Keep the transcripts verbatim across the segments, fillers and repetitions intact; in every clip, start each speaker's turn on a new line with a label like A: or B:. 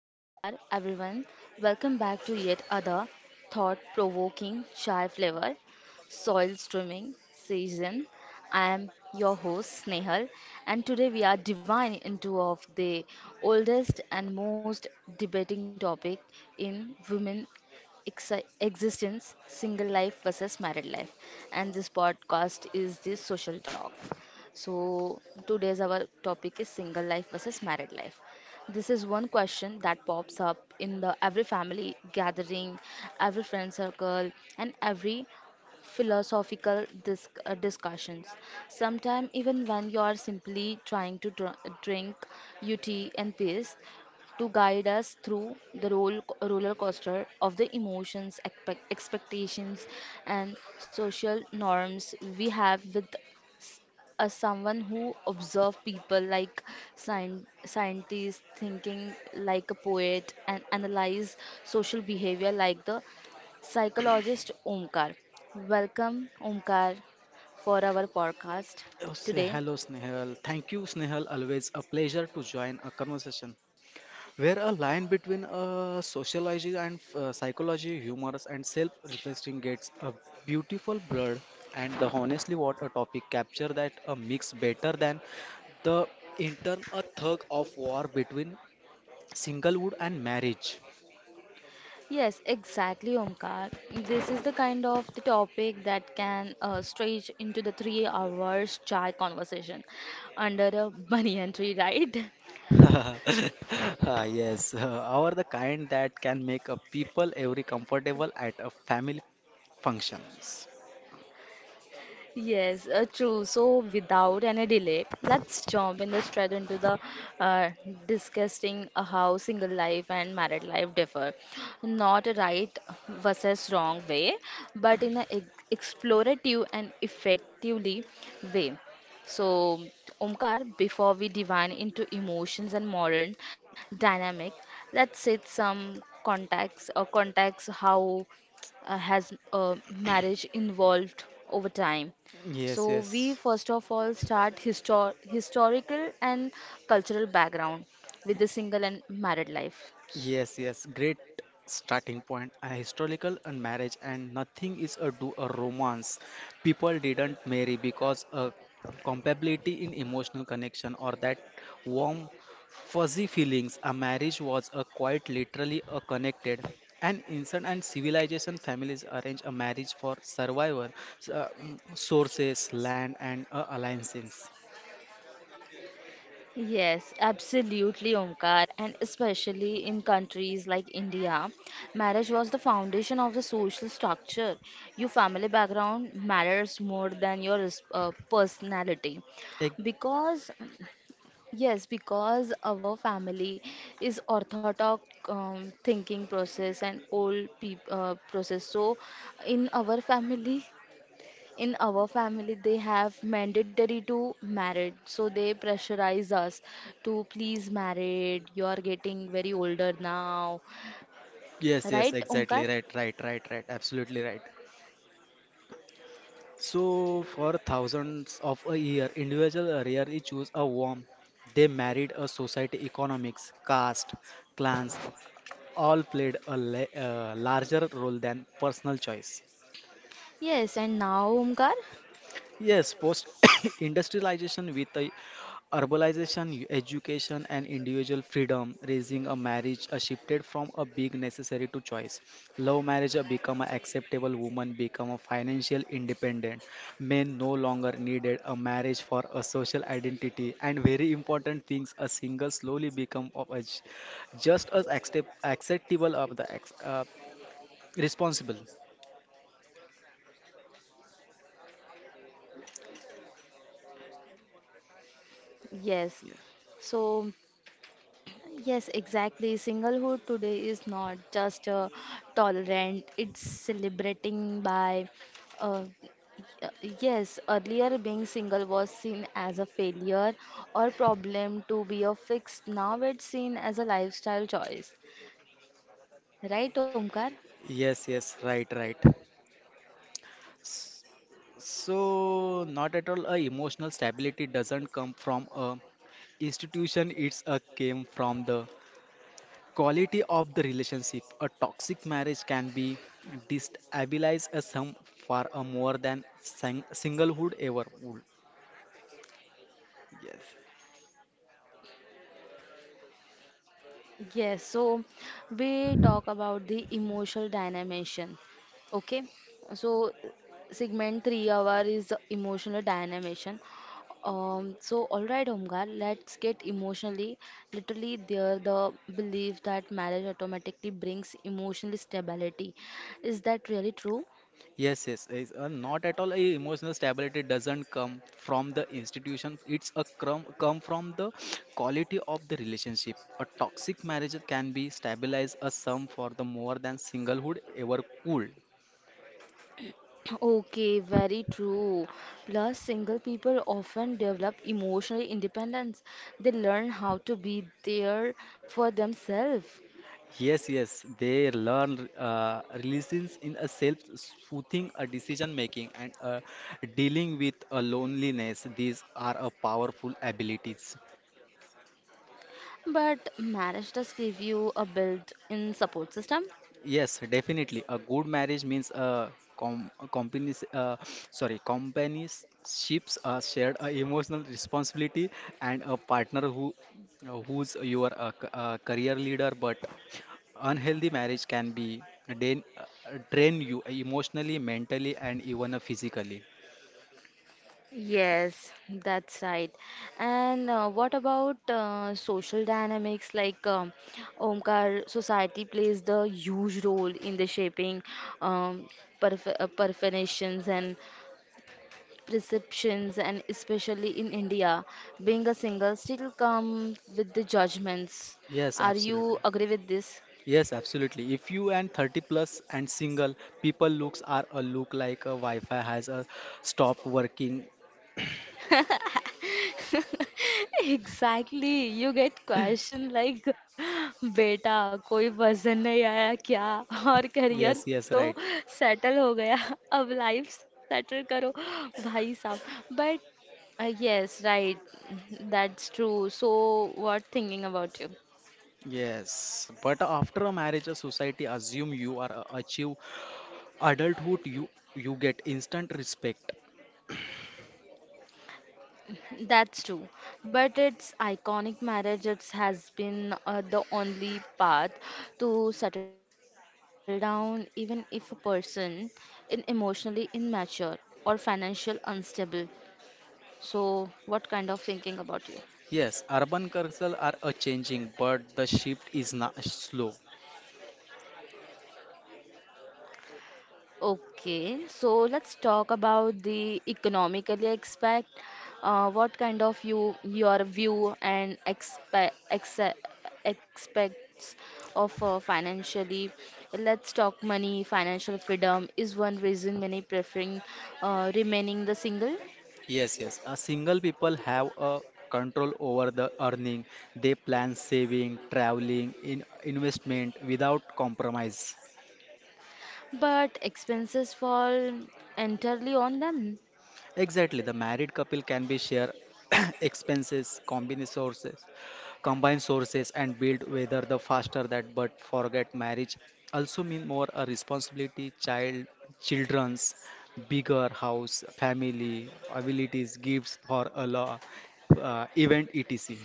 A: Namaskar, everyone. Welcome back to yet other thought-provoking chai flavor soil streaming season. I am your host Snehal, and today we are diving into of the oldest and most debating topic in women exi- existence single life versus married life, and this podcast is the social talk. so, today's our topic is single life versus married life. This is one question that pops up in the every family gathering, every friend circle, and every philosophical dis- uh, discussions. Sometimes, even when you are simply trying to dr- drink your tea and peace, to guide us through the roll, roller coaster of the emotions, expect, expectations, and social norms we have with, as someone who observe people like scien- scientists, thinking like a poet and analyze social behavior like the psychologist. Omkar, welcome, Omkar, for our podcast
B: Oh, say
A: today.
B: hello, Snehal. Thank you, Snehal. Always a pleasure to join a conversation where a line between uh, sociology and uh, psychology, humors, and self-reflecting gets a beautiful blur. And the honestly, what a topic capture that a mix better than the intern a thug of war between singlehood and marriage.
A: Yes, exactly, Omkar, this is the kind of the topic that can uh, stretch into the three hours chai conversation under a banyan tree, right?
B: Ah, yes, uh, are the kind that can make a people every comfortable at a family functions.
A: Yes, uh, true. So, without any delay, let's jump in the straight into the uh, discussing uh, how single life and married life differ. Not a right versus wrong way, but in an explorative and effectively way. So, Omkar, before we divine into emotions and modern dynamic, let's set some contacts or contacts how uh, has uh, marriage involved over time.
B: Yes,
A: So we
B: yes.
A: first of all start histor- historical and cultural background with the single and married life.
B: Yes, yes, great starting point. A historical and marriage, and nothing is a do a romance. People didn't marry because a compatibility in emotional connection or that warm, fuzzy feelings. A marriage was a quite literally a connected. And instant and civilization families arrange a marriage for survival, s- uh, mm, sources, land, and uh, alliances.
A: Yes, absolutely, Omkar, and especially in countries like India, marriage was the foundation of the social structure. Your family background matters more than your res- uh, personality
B: Ex-
A: because, yes, because our family is orthodox, um, thinking process and old peop uh, process. So, in our family, in our family, they have mandatory to married. So they pressurize us to please married. You are getting very older now,
B: Yes, yes,
A: right,
B: exactly.
A: Omkar?
B: Right, right, right, right. Absolutely right. So, for thousands of a year, individuals rarely choose a womb. They married a society, economics, caste, clans, all played a la- uh, larger role than personal choice.
A: Yes, and now, Omkar?
B: Yes, post industrialization with a urbanization, education, and individual freedom, raising a marriage a shifted from a big necessary to choice. Love marriage a become an acceptable, woman become a financial independent. Men no longer needed a marriage for a social identity, and very important things, a single slowly become of a, j- just as accept, acceptable of the ex- uh, responsible.
A: Yes. So yes, exactly. Singlehood today is not just uh, tolerant, it's celebrating by. Uh, uh, yes, earlier being single was seen as a failure or problem to be a fix. Now it's seen as a lifestyle choice. Right, Omkar?
B: Yes, yes, right, right. So, not at all. A emotional stability doesn't come from a institution. It's a came from the quality of the relationship. A toxic marriage can be destabilize a some far uh, more than sing- singlehood ever would. Yes.
A: Yes, so we talk about the emotional dynamation. Okay, so segment three hour is the emotional dynamation. Um, so all right, Omkar, let's get emotionally. Literally, there the belief that marriage automatically brings emotional stability. Is that really true?
B: Yes, yes. It's uh, not at all a emotional stability doesn't come from the institution. It's a crumb, come from the quality of the relationship. A toxic marriage can be stabilized a sum for the more than singlehood ever could.
A: Okay, very true. Plus, single people often develop emotional independence. They learn how to be there for themselves.
B: Yes, yes. They learn uh, releases in a self-soothing, a decision making, and uh, dealing with a loneliness. These are a powerful abilities.
A: But marriage does give you a built-in support system.
B: Yes, definitely. A good marriage means a com a company's uh, sorry, companionships, a shared uh, emotional responsibility, and a partner who uh, who's your uh, c- uh, career leader. But unhealthy marriage can be drain, uh, drain you emotionally, mentally, and even uh, physically.
A: Yes, that's right. And uh, what about uh, social dynamics? Like, um, Omkar, society plays the huge role in the shaping, um, perf uh, perforations and perceptions, and especially in India, being a single still come with the judgments.
B: Yes,
A: Are
B: absolutely.
A: you agree with this?
B: Yes, absolutely. If you and thirty plus and single, people looks are a look like a Wi-Fi has a stopped working.
A: Exactly you get question like बेटा कोई वजन नहीं आया क्या और career
B: Yes, yes,
A: तो
B: right.
A: Settle हो गया अब लाइफ सेटल करो भाई साहब but. Uh, yes, right. That's true. So what thinking about you?
B: Yes, but after a marriage, a society assume you are a- achieve adulthood. You you get instant respect.
A: That's true. But its iconic marriage it has been uh, the only path to settle down, even if a person is emotionally immature or financially unstable. So what kind of thinking about you?
B: Yes, urban culture are a changing, but the shift is not slow.
A: Okay, so let's talk about the economically expect. Uh, what kind of you your view and expect expects of, uh, financially? Let's talk money. Financial freedom is one reason many preferring uh, remaining the single,
B: Yes, yes. A single people have a control over the earning. They plan saving, traveling, in investment without compromise.
A: but expenses fall entirely on them.
B: Exactly, the married couple can be share expenses, combine sources, combine sources and build whether the faster that but forget marriage also mean more a responsibility child children's bigger house family abilities gifts for a law uh, event etc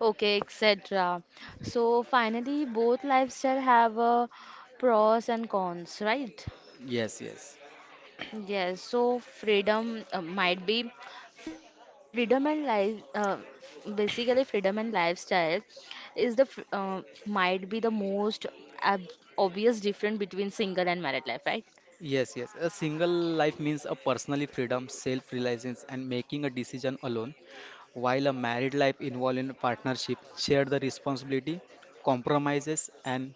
A: Okay, et cetera. So finally, both lifestyle have a pros and cons, right?
B: yes yes.
A: Yes, so freedom uh, might be freedom and life. Uh, f- basically, freedom and lifestyle is the fr- uh, might be the most ab obvious difference between single and married life, right?
B: Yes, yes. A single life means a personally freedom, self-reliance, and making a decision alone, while a married life involves in partnership, share the responsibility, compromises, and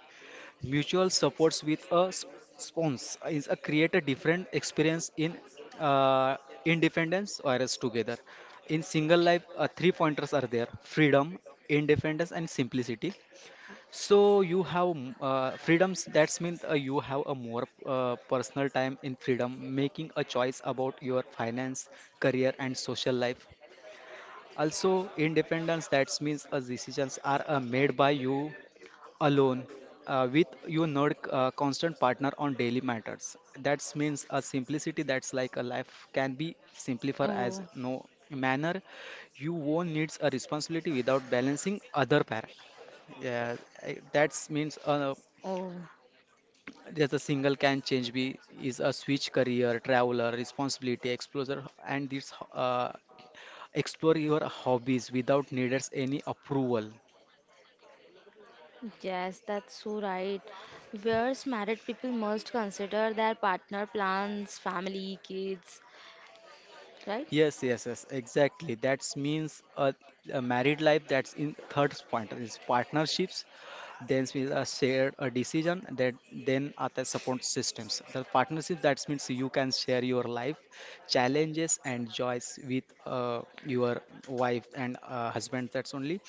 B: mutual supports with a sp- sponsor is a create a different experience in uh, independence or as together. In single life, uh, three pointers are there: freedom, independence, and simplicity. So you have m- uh, freedoms. That's means uh, you have a more uh, personal time in freedom, making a choice about your finance, career, and social life. Also, independence. That means uh, decisions are uh, made by you alone uh, with your nerd uh, constant partner on daily matters. That means a simplicity that's like a life can be simplified as
A: Oh,
B: no manner you won't needs a responsibility without balancing other para. Yeah, I- that means uh,
A: oh,
B: there's a single can change be is a switch career traveler responsibility explorer and this uh, explore your hobbies without needs any approval.
A: yes, that's so right. Whereas married people must consider their partner plans, family, kids, right?
B: Yes, yes, yes, exactly. That means a, a married life that's in third point is partnerships, then we uh, share a decision that then are the support systems the partnerships. That means you can share your life challenges and joys with uh, your wife and uh, husband. That's only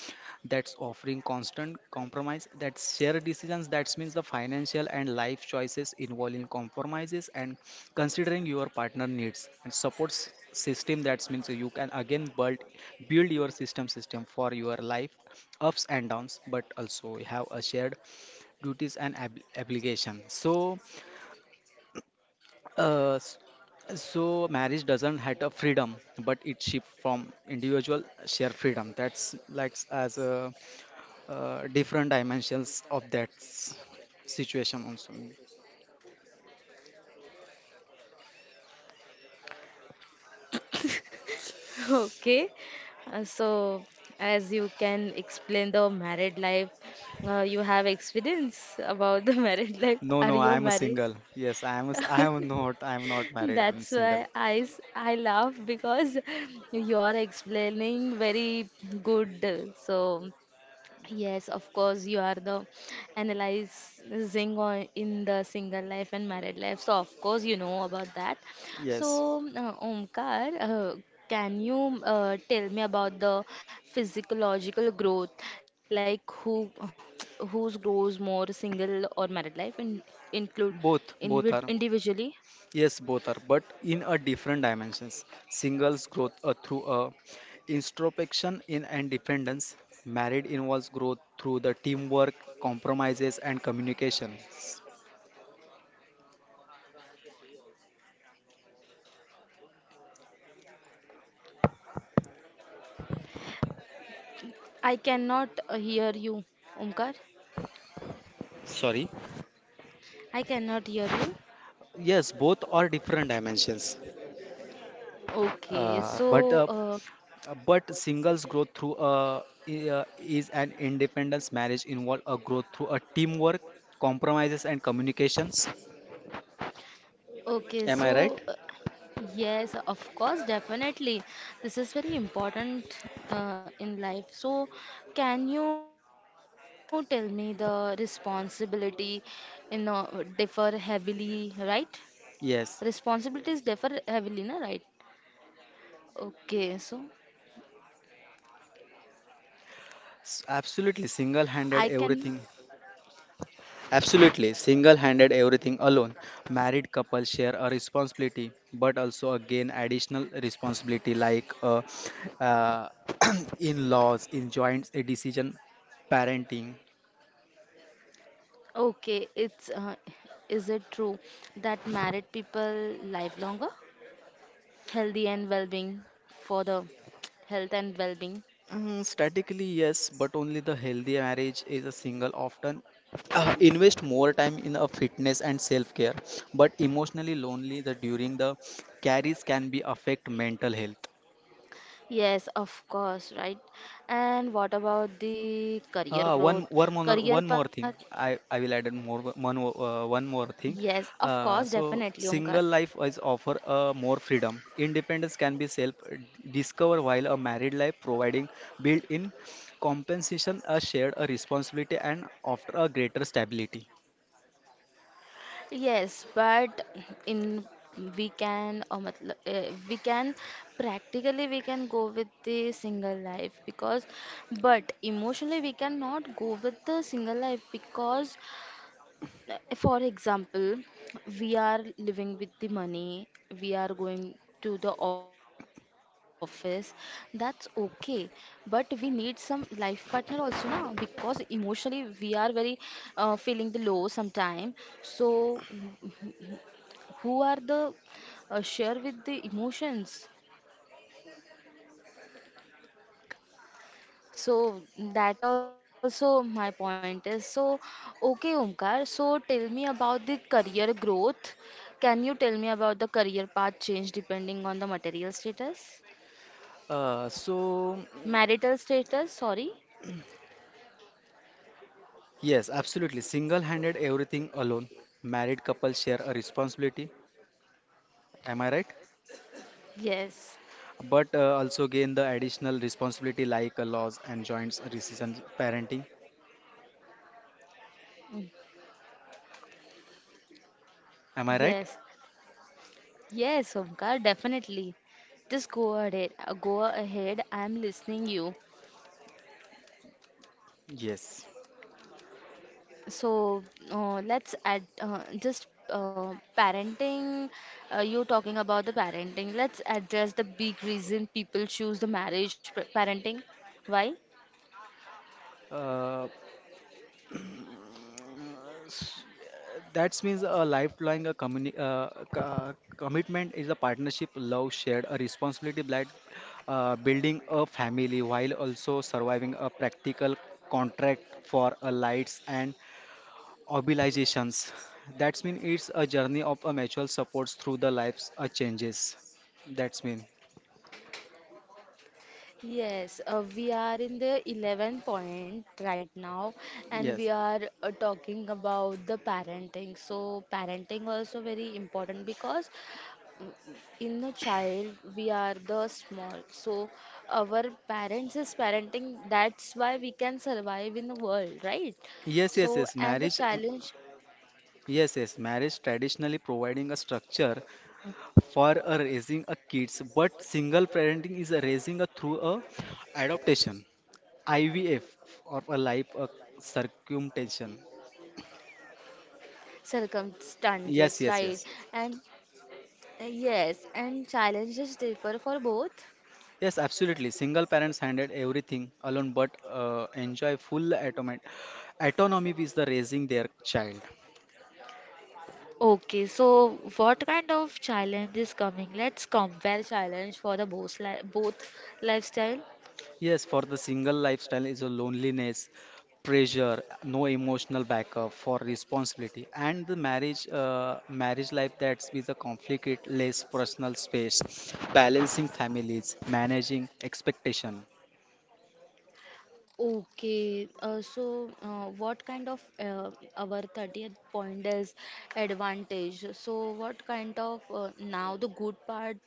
B: that's offering constant compromise. That share decisions. That means the financial and life choices involving compromises and considering your partner needs and supports system. That means you can again build build your system system for your life ups and downs, but also we have a shared duties and ab- obligation. So uh, s- so marriage doesn't have a freedom, but it shift from individual share freedom. That's like as a uh, different dimensions of that s- situation also.
A: Okay, uh, so as you can explain the married life, uh, you have experience about the married life.
B: No, no,
A: Are
B: I
A: you
B: am a
A: married?
B: single. Yes, I am a s I am not, I am not married, I'm
A: That's
B: single.
A: why I, s- I laugh because you are explaining very good. So yes, of course, you are the analyzing on in the single life and married life. So, of course, you know about that. So,
B: Yes,
A: uh, Omkar, uh, can you uh, tell me about the physiological growth, like who whose grows more single or married life, and include
B: both
A: in,
B: both are.
A: individually?
B: Yes, both are, but in a different dimensions. Singles growth uh, through a introspection in and dependence. Married involves growth through the teamwork, compromises, and communications.
A: I cannot uh, hear you, Omkar.
B: Sorry.
A: I cannot hear you.
B: Yes, both are different dimensions,
A: Okay,
B: uh, but
A: so
B: uh,
A: uh,
B: but singles growth through a i- uh, is an independence. Marriage involve a growth through a teamwork, compromises, and communications.
A: okay,
B: Am I right?
A: so uh, yes, of course, definitely. This is very important uh, in life. So, can you tell me the responsibility in uh, differ heavily, right?
B: Yes,
A: Responsibilities differ heavily, na, right? Okay, so
B: s- absolutely.
A: I
B: Single-handed
A: can.
B: everything. Absolutely, single handed everything alone. Married couples share a responsibility but also again additional responsibility like uh, uh, in laws, in joint decision parenting.
A: Okay, it's uh, is it true that married people live longer, healthy and well-being for the health and well-being?
B: Mm, statically, yes, but only the healthy marriage is a single often uh, invest more time in a fitness and self care, but emotionally lonely the during the carries can be affect mental health.
A: Yes, of course, right? And what about the career
B: Uh, one
A: growth,
B: one more
A: career
B: one more
A: path?
B: thing. I I will add in more one more- uh, one more thing.
A: Yes, of course,
B: Uh, so
A: definitely, Omkar.
B: single life is offer uh, more freedom. Independence can be self discover while a married life providing built-in compensation, a shared a responsibility, and after a greater stability.
A: Yes, but in we can or matlab, uh, we can practically we can go with the single life because but emotionally we cannot go with the single life because, for example, we are living with the money, we are going to the office, that's okay. But we need some life partner also, na? Because emotionally we are very uh, feeling the low sometime. So, who are the uh, share with the emotions? So that also my point is so okay, Omkar, so tell me about the career growth. Can you tell me about the career path change depending on the material status,
B: Uh, so
A: marital status, sorry?
B: yes, absolutely. Single-handed everything alone. Married couples share a responsibility. Am I right?
A: Yes.
B: But uh, also gain the additional responsibility like uh, laws and joint decision parenting.
A: Mm.
B: Am I right?
A: Yes, yes, Omkar, definitely. Just go ahead, uh, go ahead, I am listening you.
B: Yes.
A: So uh, let's add, uh, just uh, parenting. Uh, you talking about the parenting. Let's address the big reason people choose the marriage, p- parenting. Why?
B: Uh, s- that means a lifelong a communi- uh, co- commitment is a partnership, love shared, a responsibility that uh, building a family while also surviving a practical contract for a lights and mobilizations. That's mean it's a journey of a mutual supports through the life's uh, changes. That's mean
A: Yes, uh, we are in the eleventh point right now, and
B: yes.
A: we are uh, talking about the parenting. So, parenting also very important because, in the child we are the small, so our parents is parenting, that's why we can survive in the world, right?
B: Yes,
A: So
B: yes, yes.
A: and the
B: Marriage, um,
A: challenge,
B: yes, yes. Marriage traditionally providing a structure for a raising a kids, but single parenting is a raising a through a adoption, I V F, or a life a circumcision.
A: circumstances,
B: Yes,
A: right?
B: yes, yes.
A: And uh, yes, and challenges differ for both.
B: Yes, absolutely. Single parents handled everything alone, but uh, enjoy full autonomy. Autonomy with the raising their child.
A: Okay, so what kind of challenge is coming? Let's compare. Compare challenge for the both li- both lifestyle.
B: Yes, for the single lifestyle is a loneliness, pressure, no emotional backup for responsibility, and the marriage uh, marriage life that's with a conflict, less personal space, balancing families, managing expectation.
A: Okay, uh, so uh, what kind of uh, our thirtieth point is advantage? So what kind of uh, now the good part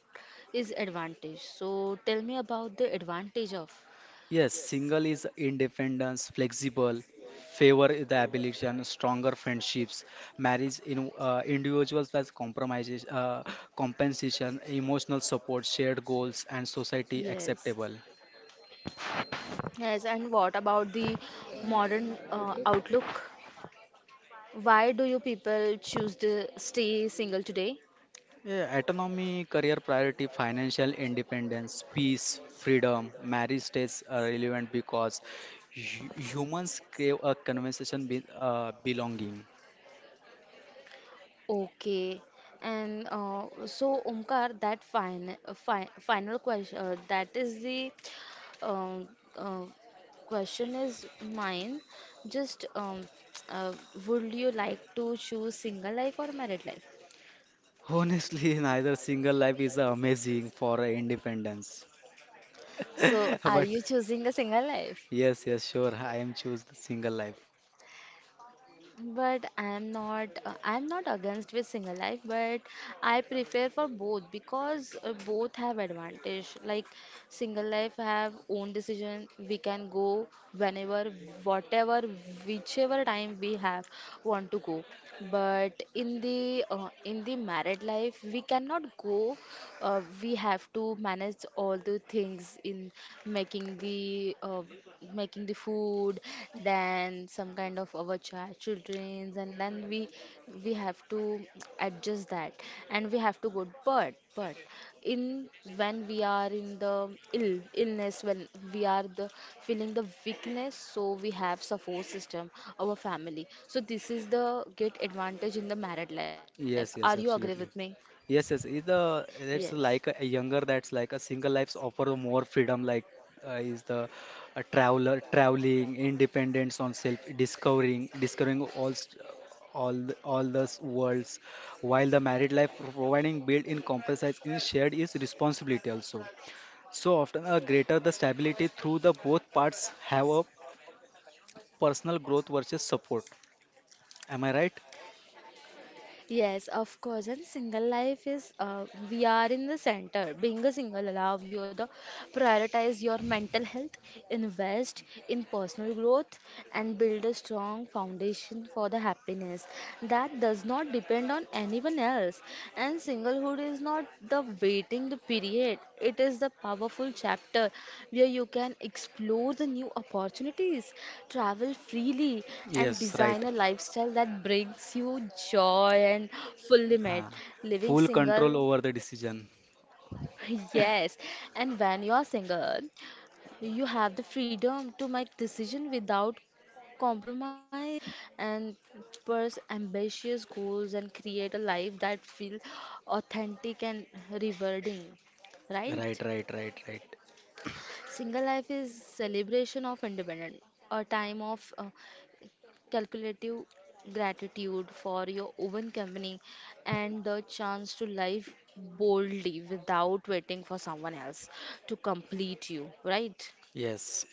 A: is advantage. So tell me about the advantage of.
B: Yes, single is independence, flexible, favor the ability and stronger friendships, marriage in uh, individuals as compromises, uh, compensation, emotional support, shared goals, and society
A: Yes.
B: acceptable.
A: Yes, and what about the modern uh, outlook? Why do you people choose to stay single today?
B: Yeah, autonomy, career priority, financial independence, peace, freedom, marriage stays uh, relevant because hu- humans crave a conversation with uh, belonging.
A: Okay. And uh, so, Omkar, that final, fi final question, uh, that is the um, uh, question is mine. Just, um, uh, would you like to choose single life or married life?
B: Honestly, neither single life is amazing for uh, independence.
A: So, are
B: But
A: you choosing a single life?
B: yes, yes, sure. I am choose the single life.
A: But I'm not uh, I'm not against with single life, but I prefer for both, because uh, both have advantage. Like, single life have own decision. We can go whenever, whatever, whichever time we have want to go. But in the uh, in the married life, we cannot go. Uh, we have to manage all the things in making the uh, making the food, then some kind of our child childrens, and then we we have to adjust that, and we have to go. But but in when we are in the ill illness, when we are the feeling the weakness, so we have support system, our family. So this is the great advantage in the married life. Are you
B: Yes,
A: agree
B: yes,
A: with me?
B: absolutely. Yes, yes. Is the
A: Yes.
B: that's like a younger that's like a single lives offer more freedom. Like uh, is the a traveler traveling, independence on self discovering, discovering all st- all the- all those worlds. While the married life providing built in compromise in shared is responsibility also. So often a greater the stability through the both parts have a personal growth versus support. Am I right?
A: Yes, of course. And single life is, uh, we are in the center. Being a single allow you to prioritize your mental health, invest in personal growth, and build a strong foundation for the happiness that does not depend on anyone else. And singlehood is not the waiting the period. It is the powerful chapter where you can explore the new opportunities, travel freely, and
B: Yes, right.
A: design a lifestyle that brings you joy and fulfillment.
B: Uh,
A: Living
B: full control
A: single,
B: over the decision.
A: yes. And when you are single, you have the freedom to make decision without compromise and pursue ambitious goals and create a life that feels authentic and rewarding, right?
B: Right, right, right, right.
A: Single life is celebration of independence, a time of uh, calculative gratitude for your own company and the chance to live boldly without waiting for someone else to complete you, right?
B: Yes.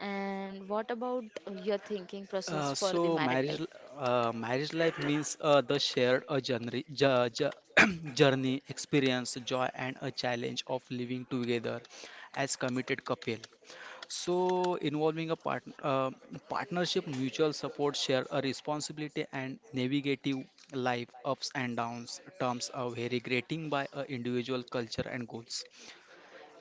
A: And what about your thinking
B: Uh,
A: process for the
B: so
A: married
B: marriage,
A: life?
B: l- uh, marriage life means uh, the shared a journey, jo- jo- journey, experience, joy, and a challenge of living together as committed couple. So involving a part, uh, partnership, mutual support, share a responsibility, and navigative life ups and downs. Terms are very grating by a individual culture and goals.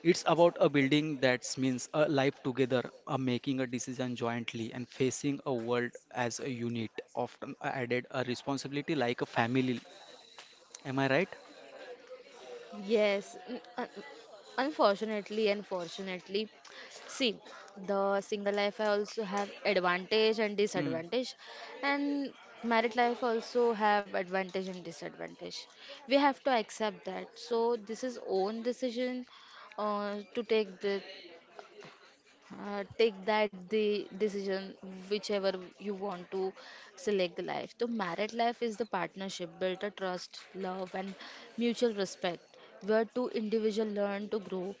B: It's about a building that means a life together, a making a decision jointly, and facing a world as a unit. Often added a responsibility like a family. Am I right?
A: Yes, n- un- unfortunately, unfortunately, see, the single life I also have advantage and
B: Mm.
A: disadvantage, and married life also have advantage and disadvantage. We have to accept that. So this is own decision uh, to take the, uh, take that the decision, whichever you want to select the life. So married life is the partnership built a trust, love and mutual respect, where two individuals learn to grow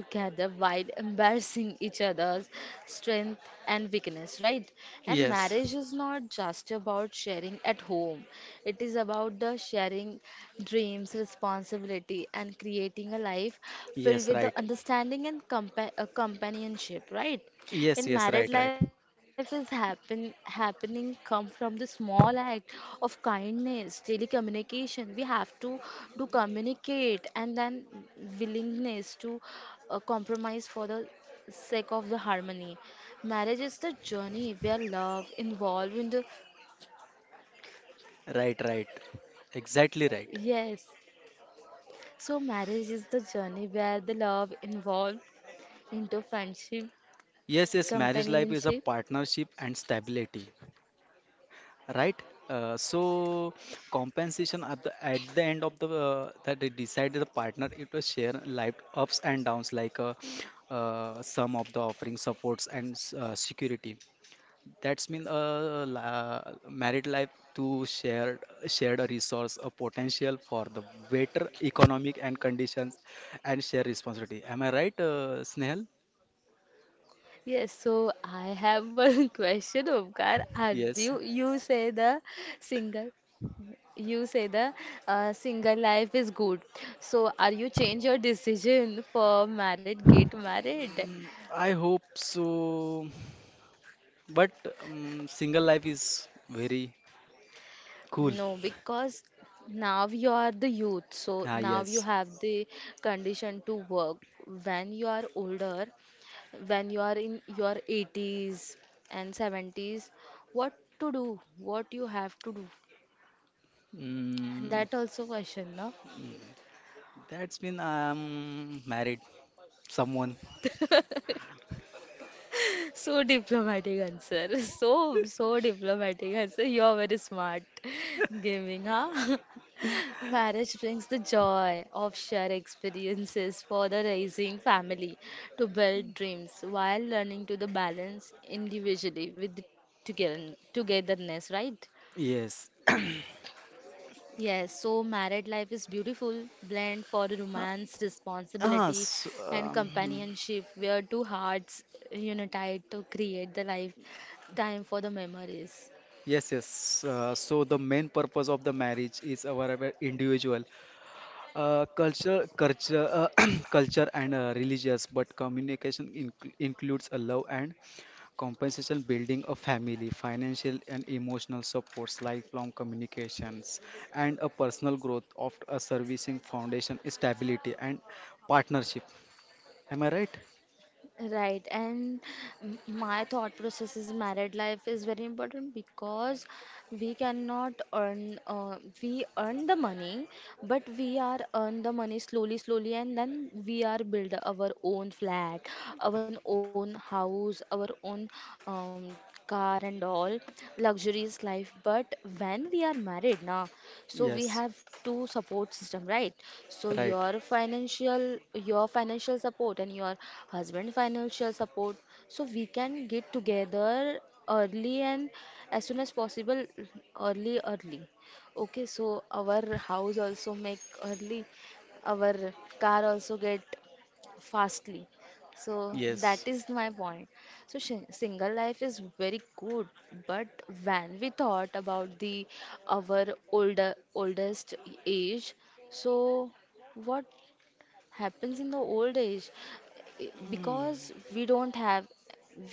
A: together while embarrassing each other's strength and weakness, right? And
B: Yes.
A: marriage is not just about sharing at home, it is about the sharing dreams, responsibility, and creating a life filled
B: Yes,
A: with the
B: right.
A: understanding and compa- uh, companionship, right?
B: Yes,
A: In
B: yes,
A: married
B: right, right.
A: life is happen happening come from the small act of kindness daily communication we have to do communicate and then willingness to uh, compromise for the sake of the harmony. Marriage is the journey where love involved in the.
B: Right, right. Exactly right.
A: Yes, so marriage is the journey where the love involved into friendship,
B: Yes, yes, marriage life is a
A: companionship.
B: partnership and stability. Right, uh, so compensation at the at the end of the uh, that they decided the partner it was share life ups and downs like uh, uh, some of the offering supports and s- uh, security. That's mean uh, la- married life to share shared a resource a potential for the better economic and conditions and share responsibility. Am I right, uh, Snehal?
A: Yes, so I have one question, Omkar. Are you,
B: Yes.
A: you say the single, you say the uh, single life is good. So are you change your decision for married, get married?
B: Mm, I hope so, but um, single life is very cool.
A: No, because now you are the youth, so
B: Ah,
A: now you
B: yes.
A: have the condition to work. When you are older, when you are in your eighties and seventies, what to do? What you have to do?
B: Mm,
A: That also question, no?
B: mm, that's been um married someone.
A: So diplomatic answer. So, so diplomatic answer. You are very smart. Gaming, huh? Marriage brings the joy of shared experiences for the raising family to build dreams while learning to the balance individually with the together togetherness, right?
B: Yes.
A: Yes, so married life is beautiful blend for romance,
B: Ah, ah,
A: responsibility,
B: so,
A: and
B: um,
A: companionship, where two hearts unite to create the lifetime for the memories.
B: yes, yes. Uh, so the main purpose of the marriage is our our individual Uh, culture, culture, uh, culture and uh, religious, but communication incl includes a love and compensation, building a family, financial and emotional supports, lifelong communications, and a personal growth of a servicing foundation, stability and partnership. Am I right?
A: Right, and m- my thought process is married life is very important because we cannot earn, uh, we earn the money, but we are earn the money slowly, slowly, and then we are build our own flat, our own house, our own um, car and all luxurious life, but when we are married now, so we
B: Yes,
A: have two support system, right? So
B: right.
A: your financial your financial support and your husband financial support, so we can get together early and as soon as possible, early early, okay, so our house also make early, our car also get fastly. So that
B: Yes,
A: is my point. So shi- single life is very good, but when we thought about the our older oldest age, so what happens in the old age? I-
B: mm,
A: Because we don't have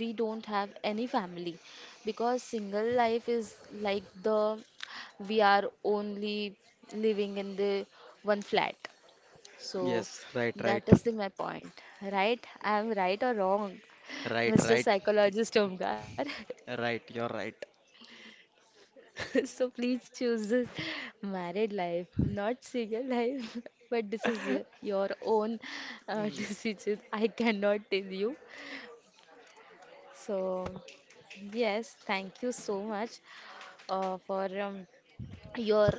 A: we don't have any family because single life is like the we are only living in the one flat, so
B: yes, right, right,
A: that is the my point, right? I am right or wrong,
B: right,
A: mister
B: right,
A: Psychologist Omkar?
B: right. You're right.
A: So please choose this married life, not single life. But this is your, your own uh,
B: Mm.
A: decision. I cannot tell you. So yes, thank you so much uh, for um, your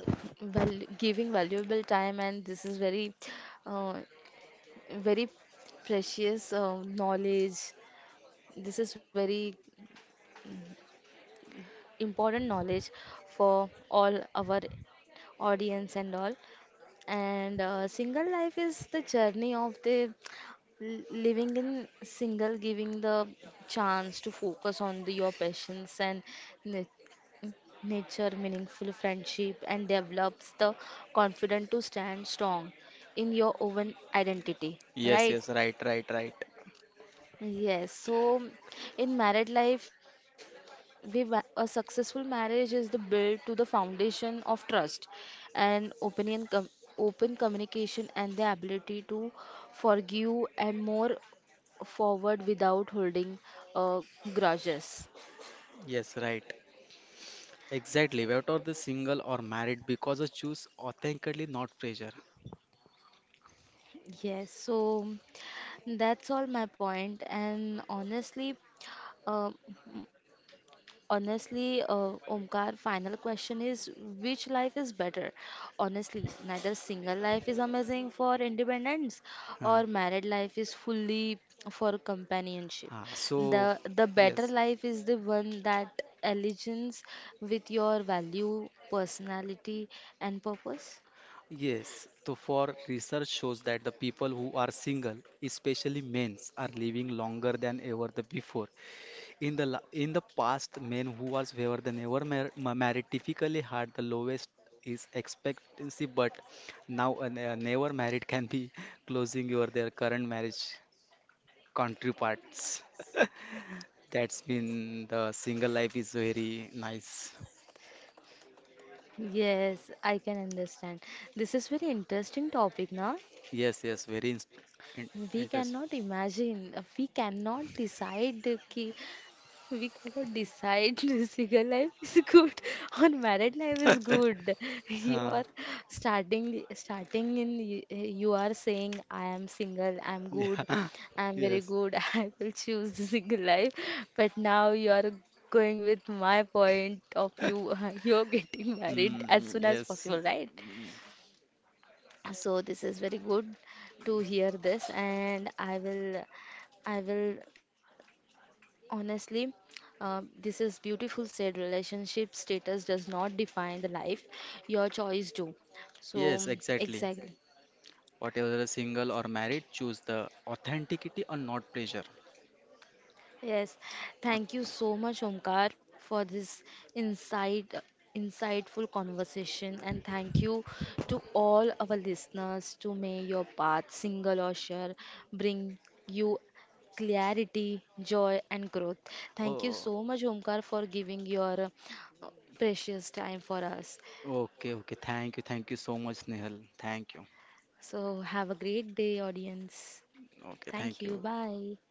A: val giving valuable time, and this is very uh, very precious uh, knowledge. This is very important knowledge for all our audience and all. And uh, single life is the journey of the l- living in single, giving the chance to focus on the, your passions and na- nature, meaningful friendship, and develops the confidence to stand strong in your own identity,
B: Yes,
A: right?
B: yes, right, right, right.
A: Yes, so in married life, we wa- a successful marriage is the build to the foundation of trust and opinion com open communication and the ability to forgive and more forward without holding uh, grudges.
B: Yes, right. Exactly, whether the single or married, because I choose authentically, not pressure.
A: Yes, so that's all my point. And honestly, um, Honestly, uh, Omkar, final question is which life is better? Honestly, neither single life is amazing for independence
B: Huh.
A: or married life is fully for companionship.
B: Huh. So,
A: The the better
B: yes,
A: life is the one that aligns with your value, personality and purpose.
B: yes. So, for research shows that the people who are single, especially men, are living longer than ever the before. In the la- in the past, men who was were than ever mar- ma- married typically had the lowest is expectancy, but now a ne- a never married can be closing your their current marriage counterparts. That's been the single life is very nice.
A: Yes, I can understand. This is very interesting topic, na?
B: Yes, yes, very in in
A: We
B: interesting.
A: cannot imagine, we cannot decide ki. We cannot decide single life is good or married life is good. You
B: Uh,
A: are starting starting in y- you are saying I am single, I am good,
B: yeah,
A: I am very
B: yes.
A: good, I will choose the single life. But now you are going with my point of view. You're getting married as
B: Mm,
A: soon as
B: yes,
A: possible, right?
B: mm,
A: So this is very good to hear this, and I will I will Honestly, uh, this is beautiful said relationship status does not define the life, your choice do. So,
B: yes, exactly.
A: exactly.
B: Whatever the single or married, choose the authenticity or not pleasure.
A: Yes,
B: Not,
A: thank you so much, Omkar, for this insight, insightful conversation, and thank you to all our listeners. To may your path, single or share, bring you clarity, joy, and growth. Thank you
B: oh,
A: so much, Omkar, for giving your uh, precious time for us.
B: okay, okay. Thank you, thank you so much, Nihal. Thank you.
A: So, have a great day, audience.
B: Okay, thank
A: Thank
B: you.
A: you. Bye.